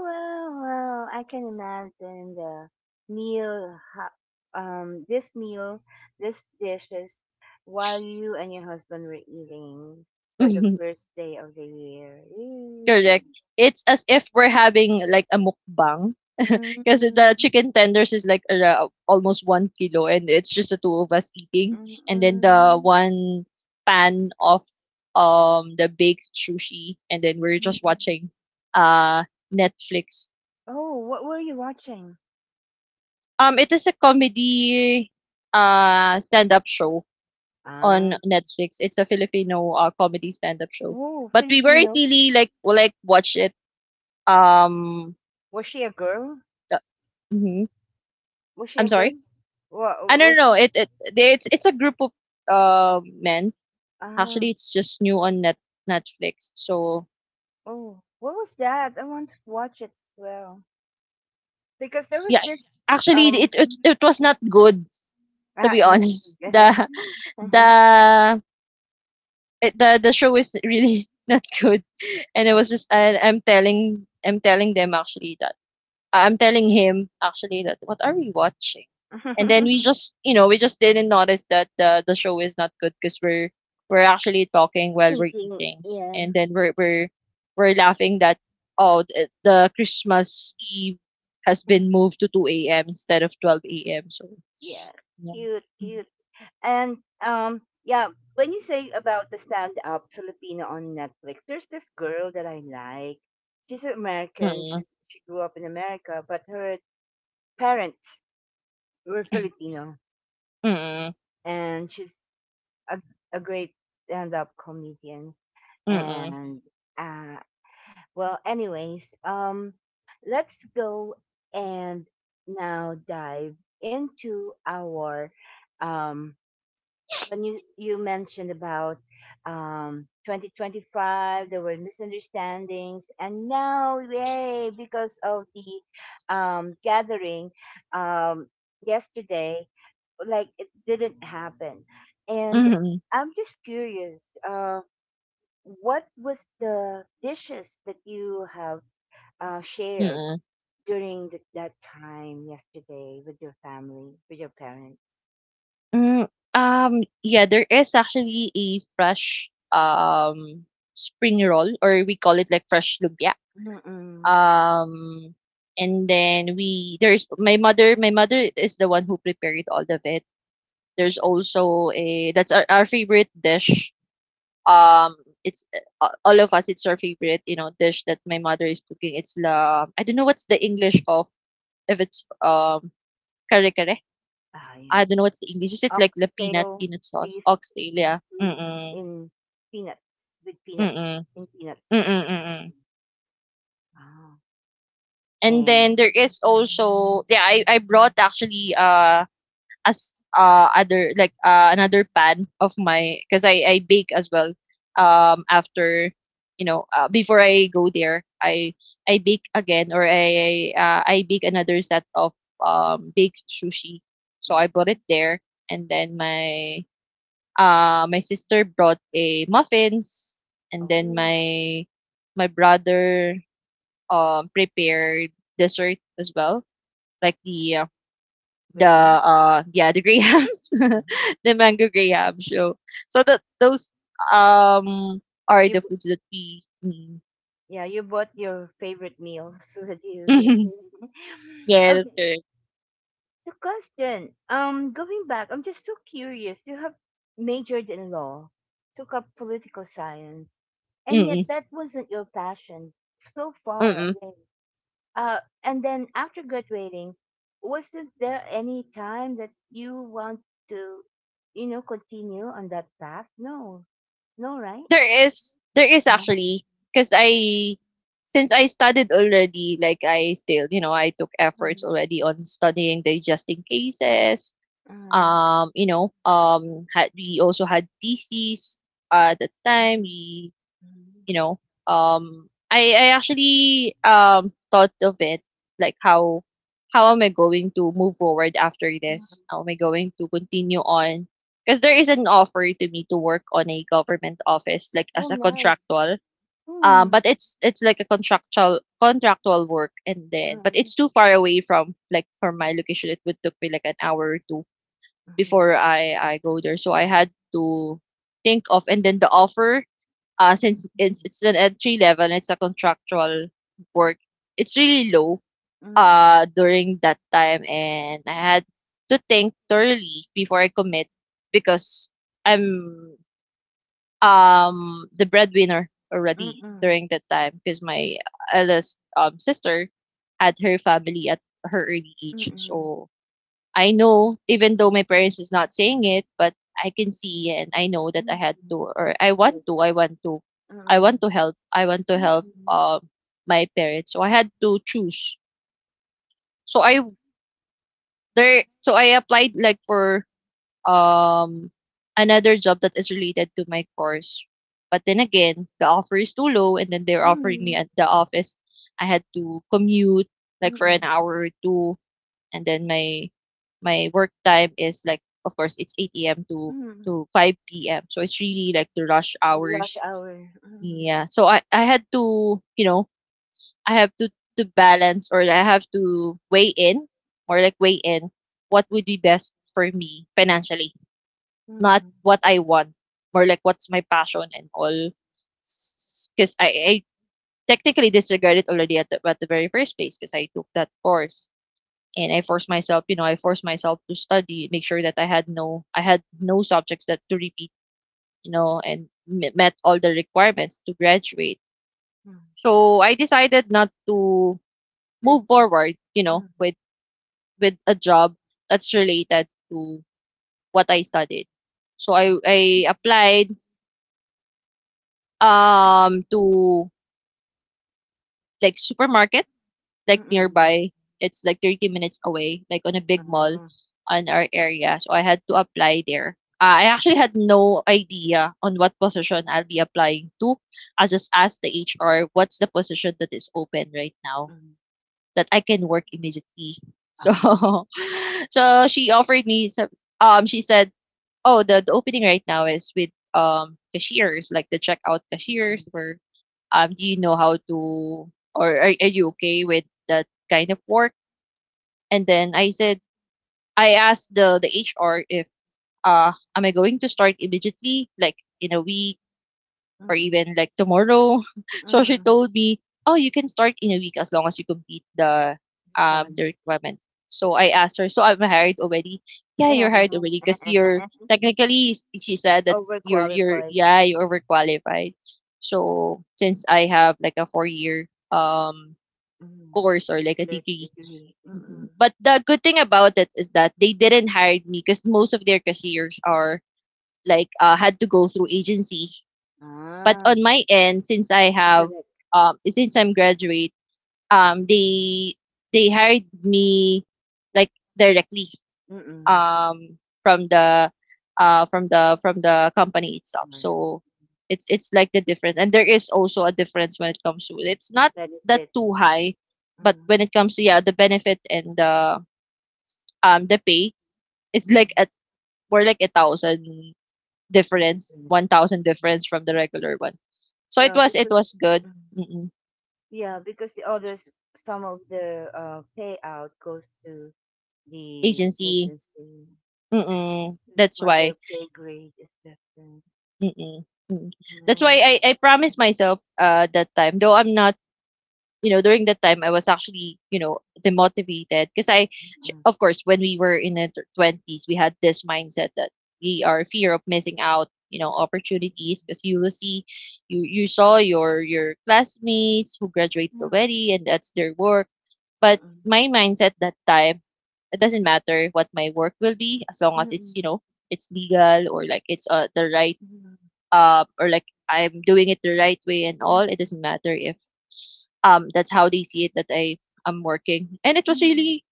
wow, wow. I can imagine the meal, ho- this meal, this dishes, while you and your husband were eating for the (laughs) first day of the year. Mm. Correct. It's as if we're having like a mukbang (laughs) Mm, because mm, the chicken tenders is like almost 1 kilo, and it's just the two of us eating, and then the mm, one pan of the baked sushi, and then we're just mm. watching uh Netflix. Oh, what were you watching? It is a comedy stand up show Ah, on Netflix. It's a Filipino comedy stand up show, oh, but we weren't Filipino. really like watch it um. Was she a girl? uh, mm-hmm. Was she I'm a girl? sorry. Wa- I don't Was know. she? It's a group of men. Ah. Actually, it's just new on Netflix. So Oh, what was that? I want to watch it as well. Because there was yeah, this actually, um it was not good (laughs) to ah, be it honest. wasn't (laughs) good. The the show is really (laughs) not good, and it was just I'm telling them actually that. I'm telling him actually that what are we watching? And then we (laughs) just, we just didn't notice that the show is not good because we're actually talking while we're Meeting, eating, yeah. and then we're laughing that oh the Christmas Eve has been Mhm. moved to two a.m. instead of 12 a.m. So Yeah. yeah. Cute, cute. And yeah, when you say about the stand up Filipino on Netflix, there's this girl that I like. She's American. Mm-mm. She grew up in America, but her parents were Filipino Mm-mm. and she's a a great stand up comedian and uh well anyways let's go and now dive into our um when you mentioned about 2025 there were misunderstandings and now yay because of the gathering um yesterday like it didn't happen and Mm-mm. I'm just curious what was the dishes that you have shared Mm-mm. during that time yesterday with your family, with your parents? Mm, yeah, there is actually a fresh spring roll, or we call it like fresh lumpia. Mm-mm. Um, and then we there's my mother. My mother is the one who prepared all of it. There's also a that's our favorite dish. Um, it's all of us. It's our favorite, you know, dish that my mother is cooking. It's la I don't know what's the English of if it's kare kare. Ah, I yeah. don't know what's the English. Is it like the Oxtail peanut sauce? beef Oxtail, yeah. Mm, stew mm, in peanuts, with peanuts, mm, in peanut mm, sauce. mm. Wow. And And then there is mm, also yeah, I brought actually as other like another pan of my because I bake as well after you know before I go there I bake again or I bake another set of baked sushi so I bought it nice. there and then my sister brought a muffins, and then Oh, my brother prepared dessert as well, like the Graham. Yeah the grahams, (laughs) Hmm the mango graham. So so that those um are You, the b- foods that we. Mm. yeah, you bought your favorite meals (laughs) with you. Your (laughs) favorite. (laughs) Yeah, that's okay. correct. The question. Going back, I'm just so curious. You have majored in law, took up political science, and yet Mm-mm. that wasn't your passion. So far Mm-mm. away. And then after graduating, wasn't there any time that you want to, you know, continue on that path? No, no, right? There is Uh-huh. actually because I since I studied already, like I still you know I took efforts Hmm. already on studying digesting cases. huh You know, had we also had theses at the time. We Mhm. You know, I actually thought of it like how am I going to move forward after Mhm. this, mhm. how am I going to continue on because there is an offer to me to work on a government office like Oh, as a nice. contractual, Mm. but it's like a contractual work, and then but Mm. it's too far away from like from my location. It would took me like an hour or two Mhm. before I go there, so I had to think of. And then the offer, since it's an entry level, it's a contractual work. It's really low mm during that time, and I had to think thoroughly before I commit because I'm the breadwinner already during that time because my eldest sister had her family at her early age, Mm, so I know, even though my parents is not saying it, but I can see and I know that I had mm, to, or right, I mm, want to help, I want to help mm, my parents. So I had to choose. So I so I applied like for um another job that is related to my course. But then again, the offer is too low, and then they're offering me mm, at the office. I had to commute like for an mm, hour or two, and then my work time is like of course it's 8 a.m. to mm, 5 p.m. So it's really like the rush the rush hours. hour, mm, Yeah. So I had to, you know, I have to balance, or I have to weigh in or like weigh in what would be best for me financially, not mm, what I want, more like what's my passion and all. Because I technically disregarded already at at the very first place because I took that course and I forced myself, you know, I forced myself to study, make sure that I had no subjects that to repeat, you know, and met all the requirements to graduate. mm, So I decided not to move continue, forward, you know, mm, with a job that's related to what I studied. So mm, I applied to like supermarkets mm, like mm, nearby. It's like 30 minutes away, like on a big mall mm, on our area. So I had to apply there. I actually had no idea on what position I'll be applying to. I just asked the HR what's the position that is open right now mm, that I can work immediately. So ah, (laughs) so she offered me some she said, "Oh, the opening right now is with cashiers, like the checkout mm, cashiers for do you know how to, or are you okay with that kind of work?" And then I asked the HR if am I going to start immediately, like in a week or mm, even like tomorrow. (laughs) So she mm, told me, "Oh, you can start in a week as long as you complete the requirement, requirement." So I asked her, "So I'm hired already?" Yeah, you're hired already because you're (laughs) technically, she said that you're overqualified, yeah you're overqualified. So since I have like a 4 year um mm, course or like a bachelor's degree. degree, Mm. mm, But the good thing about it is that they didn't hire me because most of their cashiers are like had to go through agency, but ah, on my end, direct, since I'm graduate, um they they hired me like directly mm, from the from the company itself. HR, So it's like the difference. And there is also a difference when it comes to it's not that benefits, too high, but mm, when it comes to yeah, the benefit and the pay, it's like at mm. more like a thousand difference, difference. 1,000 difference from the regular one. So Yeah, it because was good. mm, yeah, because the others some of the payout goes to the Agency. agency. Mm-mm. That's That's why their why. pay grade is different, Mm-mm. Mm. That's why right? I promised myself that time. Though I'm not, you know, during that time I was actually, you know, demotivated because Mm. of course, when we were in the 20s, we had this mindset that we are fear of missing out, you know, opportunities because you will see, you saw your classmates who graduated Mm, already, and that's their work. But mm, my mindset that time, it doesn't matter what my work will be as long mm, as it's, you mm, know, it's legal or like it's the right mm, or like I'm doing it the right way and all. mm, mm, It doesn't matter if that's how they see it that I am working. And it mm, was mm, really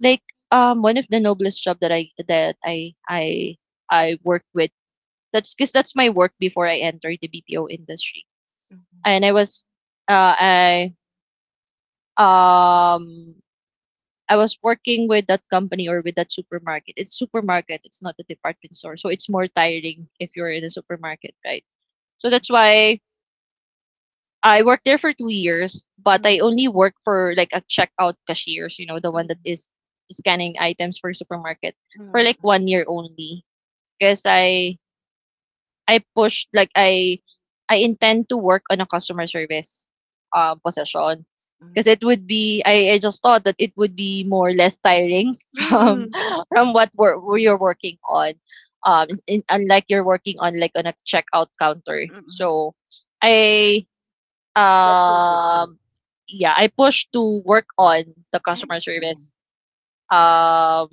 like one of the noblest job that I worked with. That's because that's my work before I entered the BPO industry. And I was uh I um I was working with that company or with that supermarket. It's supermarket, it's not a department store. So it's more tiring if you're in a supermarket, right? So that's why I worked there for 2 years, but mm, I only work for like a checkout cashiers, you know, the one that is scanning items for supermarket for like 1 year only. Because I pushed like I intend to work on a customer service position. Because it would be I just thought that it would be more or less tiring (laughs) mm, from mm, mm, from what we're you're working on. Um in, unlike you're working on like on a checkout counter. mm. So I That's what they do. um yeah, I pushed to work on the customer (laughs) Yeah. service um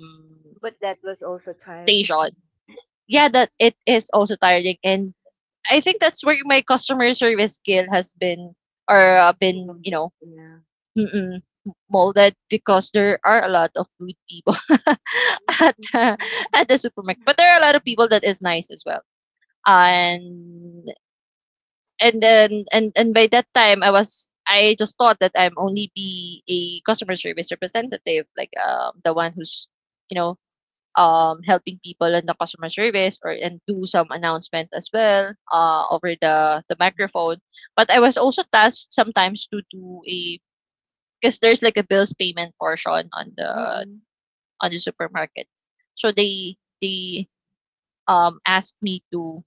But that was also tiring. station. Yeah, that it is also tiring, and I think that's where my customer service skill has been, or been, you know, (laughs) Yeah. mm-mm, molded because there are a lot of rude people (laughs) at uh, at the supermarket. But there are a lot of people that is nice as well. And and then and by that time I was I just thought that I'm only be a customer service representative, like the one who's you know helping people in the customer service, or and do some announcement as well over the microphone. But I was also tasked sometimes to do a because there's like a bills payment portion Mm-mm. on the supermarket. So they asked me to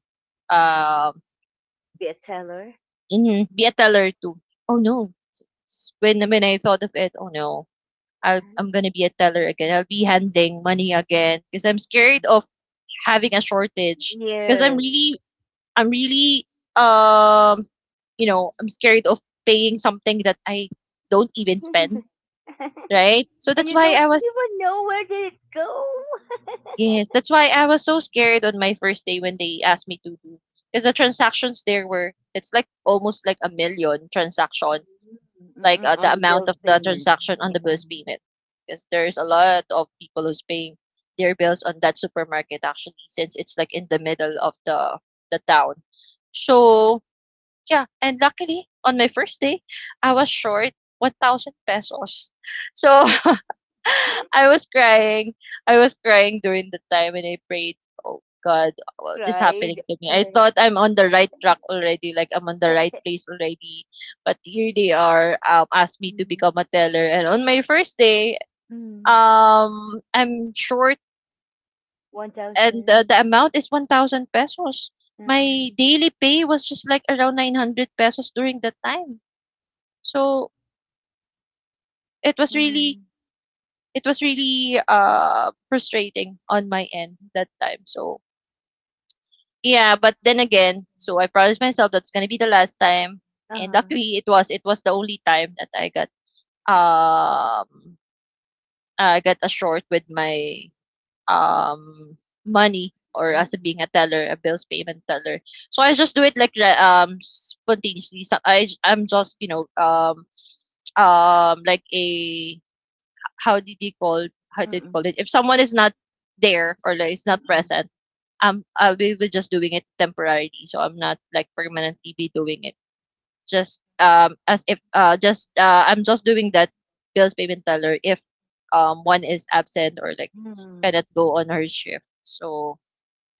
um Be a teller. Be a teller too. Oh no. When I thought of it, oh no. I'm Uh-huh. gonna be a teller again. I'll be handling money again because I'm scared of having a shortage because I'm Yes. really I'm really um I'm scared of paying something that I don't even (laughs) spend, and right? So that's you why I don't was even know where did it go. yes, that's why I was so scared on my first day when they asked me to do because the transactions there were it's like almost like a million transaction, Mm-mm, on the the amount bill's of the payment. transaction on You the know. bills payment because there's a lot of people who's paying their bills on that supermarket actually since it's like in the middle of the town. So Yeah, and luckily on my first day, I was short 1,000 pesos. So (laughs) (gasps) I was crying. I was crying during the time and I prayed, "Oh God, You what is cried. happening to me? Uh, I thought I'm (laughs) on the right track already, like I'm on the right place already." But here they are, asked me to mm, become a teller. And on my first day, mm, I'm short, and the, 1,000. the amount is 1,000 pesos. Uh-uh. My daily pay was just like around 900 pesos during that time. So it was really Mm, it was really frustrating on my end that time. So yeah, but then again, so I promised myself that's gonna be the last time. And uh-huh. luckily it was the only time that I got um a short with my um money, or as a being a Mm-mm, teller, a bills payment teller. So I just do it like spontaneously. So I'm just, like a how did you call mm-mm, it if someone is not there, or like is not mm-mm, present. I'll be able just doing it temporarily, so I'm not like permanently be doing it, just as if just I'm just doing that bills payment teller if one is absent or like mm, cannot go on her shift. So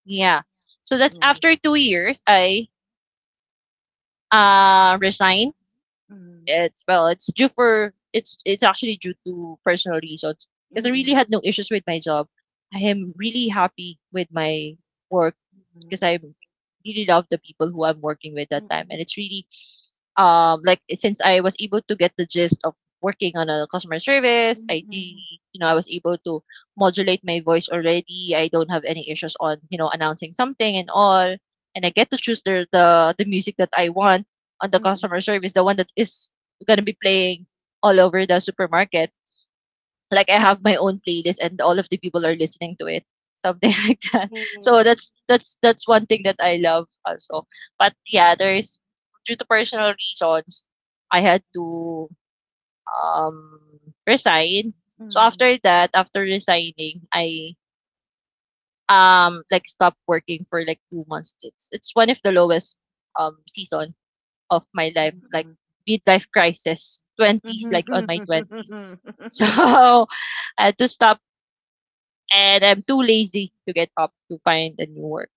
yeah, so that's nice. after 2 years I resigned. Mm, It's well, it's due for it's actually due to personal reasons because I really mm-mm, had no issues with my job. I am really happy with my work because mm-mm, I really love the people who I'm working with that time. And mm-mm, it's really like since I was able to get the gist of working on a customer service, I really, Mm, you know, I was able to modulate my voice already. I don't have any issues on, you know, announcing something and all. And I get to choose the music that I want on the mm. customer service, the one that is gonna be playing all over the supermarket, like I have my own playlist and all of the people are listening to it, something (laughs) like that. So Yay. That's one thing that I love also. But yeah, there is due to personal reasons, I had to um resign. So Mm, after that, after resigning, I like stopped working for like 2 months. It's one of the lowest season of my life, like mm, midlife crisis, twenties, like on my twenties. mm. (laughs) So I had to stop, and I'm too lazy to get up to find a new work.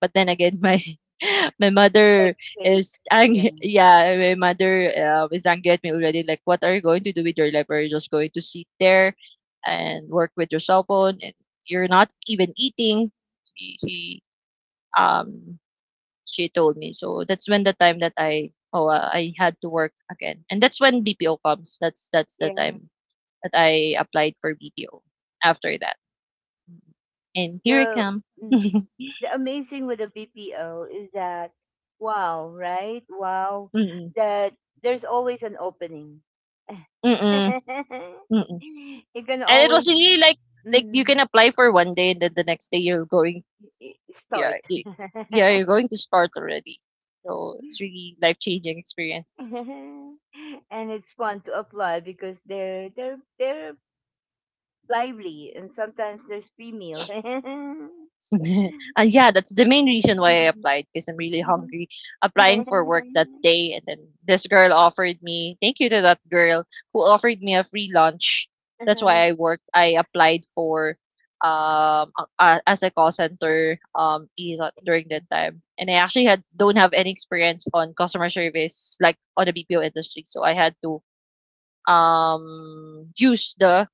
But then again, my (laughs) my (laughs) Like mother wait. is Yeah. angry. Yeah, my mother is angry at me already. Like, what are you going to do with your life? Are you just going to sit there and work with your cell phone? And you're not even eating. She, she um she told me. So that's when the time that I I had to work again, and that's when BPO comes. That's the Yeah. time that I applied for BPO. After that, and here I The come. mm, (laughs) the amazing with the BPO is that wow, right? Wow. Mm-mm. That there's always an opening. Mm-mm. (laughs) Mm-mm. you can And it was always really like you mm, can apply for 1 day and then the next day you're going. I- yeah start. y- (laughs) yeah, you're going to start already. So it's really life changing experience. (laughs) and it's fun to apply because they're lively, and sometimes there's free meal. (laughs) (laughs) Yeah, that's the main reason why I applied because I'm really hungry. Applying for work that day, and then this girl offered me. Thank you to that girl who offered me a free lunch. That's why I worked. I applied for as a call center, is during that time, and I actually had don't have any experience on customer service like on the BPO industry, so I had to use the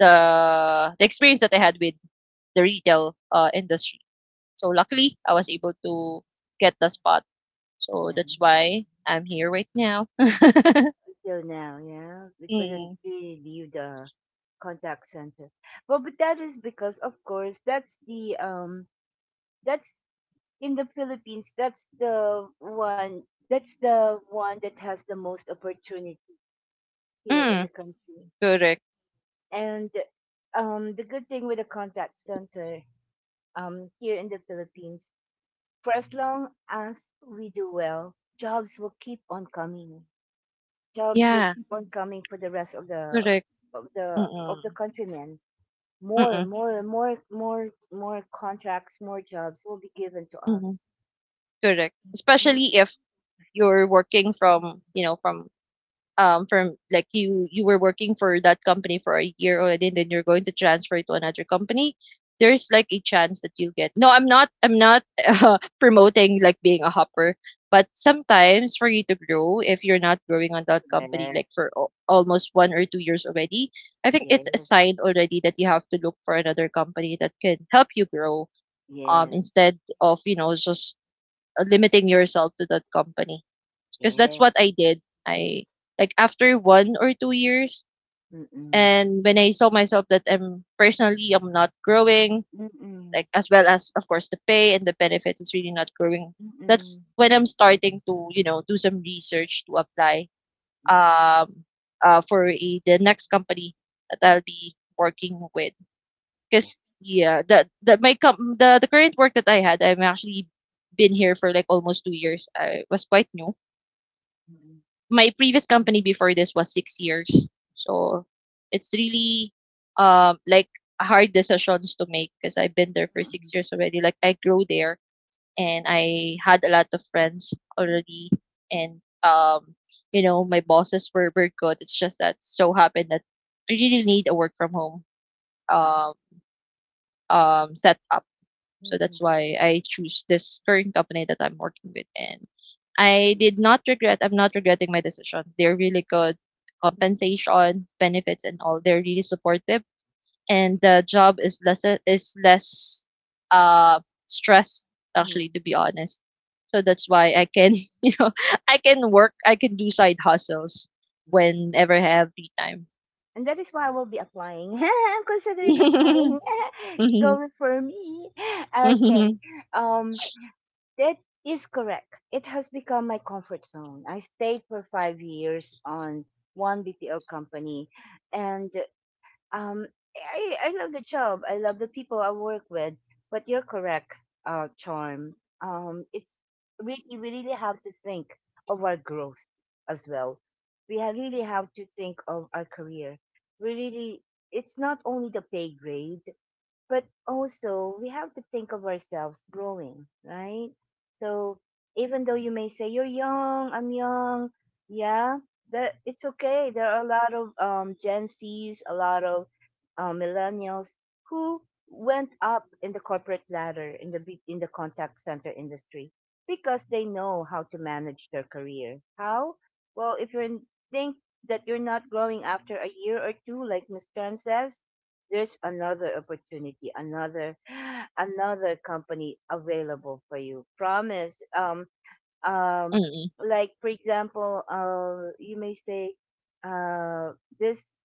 the experience that I had with the retail industry. So luckily, I was able to get the spot. So that's why I'm here right now. Until now, yeah, we couldn't Mm. really leave the contact center. Well, but that is because, of course, that's the that's in the Philippines. That's the one. That's the one that has the most opportunity here in the Mm, country. correct. And the good thing with the contact center here in the Philippines for as long as we do well, jobs will keep on coming. Jobs will Yeah, keep on coming for the rest of the correct. Of the Mm-mm. countrymen. More, Mm-mm. more, more, more, more contracts, more jobs will be given to us. Mm-mm. Correct. Right? Especially if you're working from, you know, from like you were working for that company for a year already, and then you're going to transfer to another company. There's like a chance that you get. No, I'm not (laughs) promoting like being a hopper, but sometimes for you to grow, if you're not growing on that company Correct. like for almost 1 or 2 years already, I think it's a Yes. sign already that you have to look for another company that can help you grow, Yes. instead of, you know, just limiting yourself to that company. Because that's Yes. what I did. I like after 1 or 2 years, Mm-mm. and when I saw myself that I'm personally I'm not growing, Mm-mm. like as well as of course the pay and the benefits is really not growing. That's Mm-mm. when I'm starting to, you know, do some research to apply Mm. um for the next company that I'll be working with. Because Yes. yeah, the my com- the current work that I had I'm actually been here for like almost 2 years. I was quite new. Mm-mm. My previous company before this was 6 years. So it's really like hard decisions to make because I've been there for Mm-mm. 6 years already. Like I grew there and I had a lot of friends already, and you know, my bosses were very good. It's just that so happened that I really need a work from home Ah, um setup. So that's Mm-mm. why I choose this current company that I'm working with. And I did not regret, I'm not regretting my decision. They're really good Mm-mm. compensation, benefits, and all. They're really supportive. And the job is less uh, stress, actually, to Mm-mm. be honest. So that's why I can, (laughs) you know, I can work, I can do side hustles whenever I have free time. And that is why I will be applying. (laughs) I'm considering (laughs) applying. (laughs) Mhm. Go for me. Okay. Mhm. Um, that is correct. It has become my comfort zone. I stayed for 5 years on one BPO company, and um, I love the job. I love the people I work with. But you're correct, Charm. It's really we really have to think of our growth as well. Really have to think of our career. We really it's not only the pay grade but also we have to think of ourselves growing, right? So even though you may say you're young, I'm young, yeah, that it's okay. There are a lot of Gen Zs, a lot of millennials who went up in the corporate ladder in the in the contact center industry because they know how to manage their career. How? Well, if you are think that you're not growing after a year or two, like Miss Tran says, there's another opportunity, another (gasps) (sighs) another company available for you. Promise. Um, Mhm. like for example, you may say uh this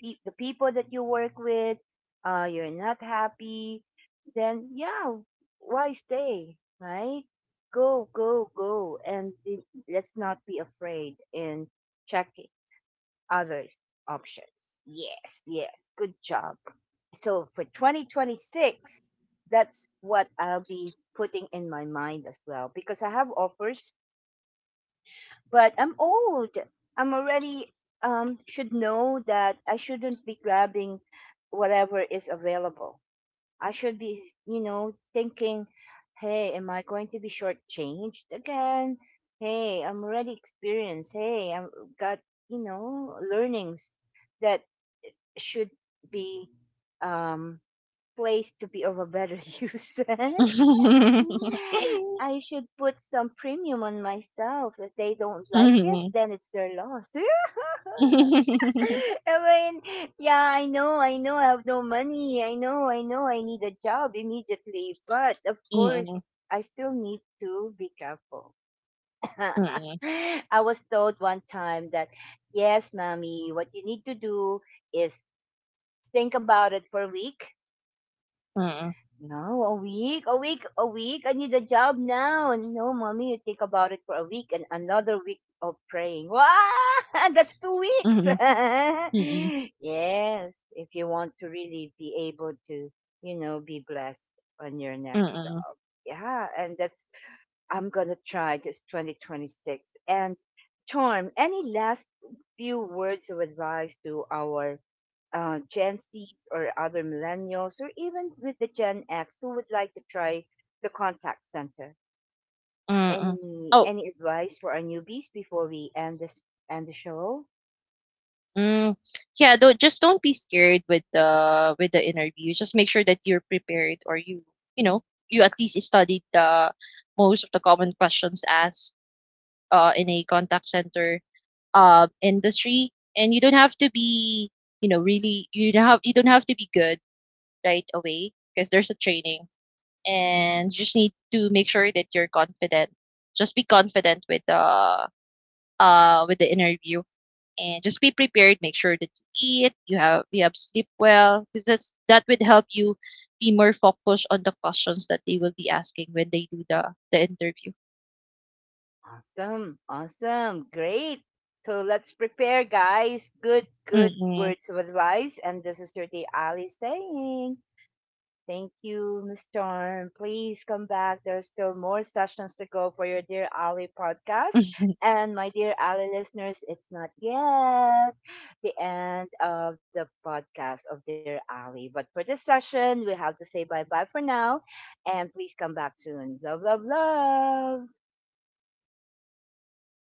the people that you work with, you're not happy, then yeah, why stay, right? Go, go, go and let's not be afraid in check other options. Yes, yes. Good job. So for 2026, that's what I'll be putting in my mind as well because I have offers, but I'm old. I'm already should know that I shouldn't be grabbing whatever is available. I should be, you know, thinking, hey, am I going to be shortchanged again? Hey, I'm already experienced. Hey, I've got, you know, learnings that should be um, placed to be of a better (laughs) use. Mhm. (laughs) I should put some premium on myself. If they don't like it, Mhm. then it's their loss. (laughs) (laughs) I mean, yeah, I know, I know, I have no money. I know, I know, I need a job immediately. But of course, Mm, I still need to be careful. (laughs) mm, I was told one time that, yes, mommy, what you need to do is think about it for a week. mm, No, a week, a week, a week. I need a job now. And you know, mommy, you think about it for a week and another week of praying. Wow, (laughs) that's 2 weeks. mhm, (laughs) mm, yes, if you want to really be able to, you know, be blessed on your next job. mm, Yeah, and that's, I'm going to try this 2026. And Charm, any last few words of advice to our Gen Zs or other millennials, or even with the Gen X who would like to try the contact center. mm. (laughs) Oh, Any advice for our newbies before we end the show? mm, yeah, don't just don't be scared with the interview. Just make sure that you're prepared, or you know, you at least studied the most of the common questions asked in a contact center industry, and you don't have to be, you know, really you don't have to be good right away because there's a training, and you just need to make sure that you're confident. Just be confident with the interview, and just be prepared. Make sure that you eat, you have sleep well, because that's that would help you be more focused on the questions that they will be asking when they do the interview. Awesome, awesome, great. So let's prepare, guys. Good, good Mm-mm. words of advice. And this is your day Ali saying. Thank you, Miss Storm. Please come back. There's still more sessions to go for your Dear Ali podcast. (laughs) And my dear Ali listeners, it's not yet the end of the podcast of Dear Ali. But for this session, we have to say bye bye for now. And please come back soon. Love, love, love.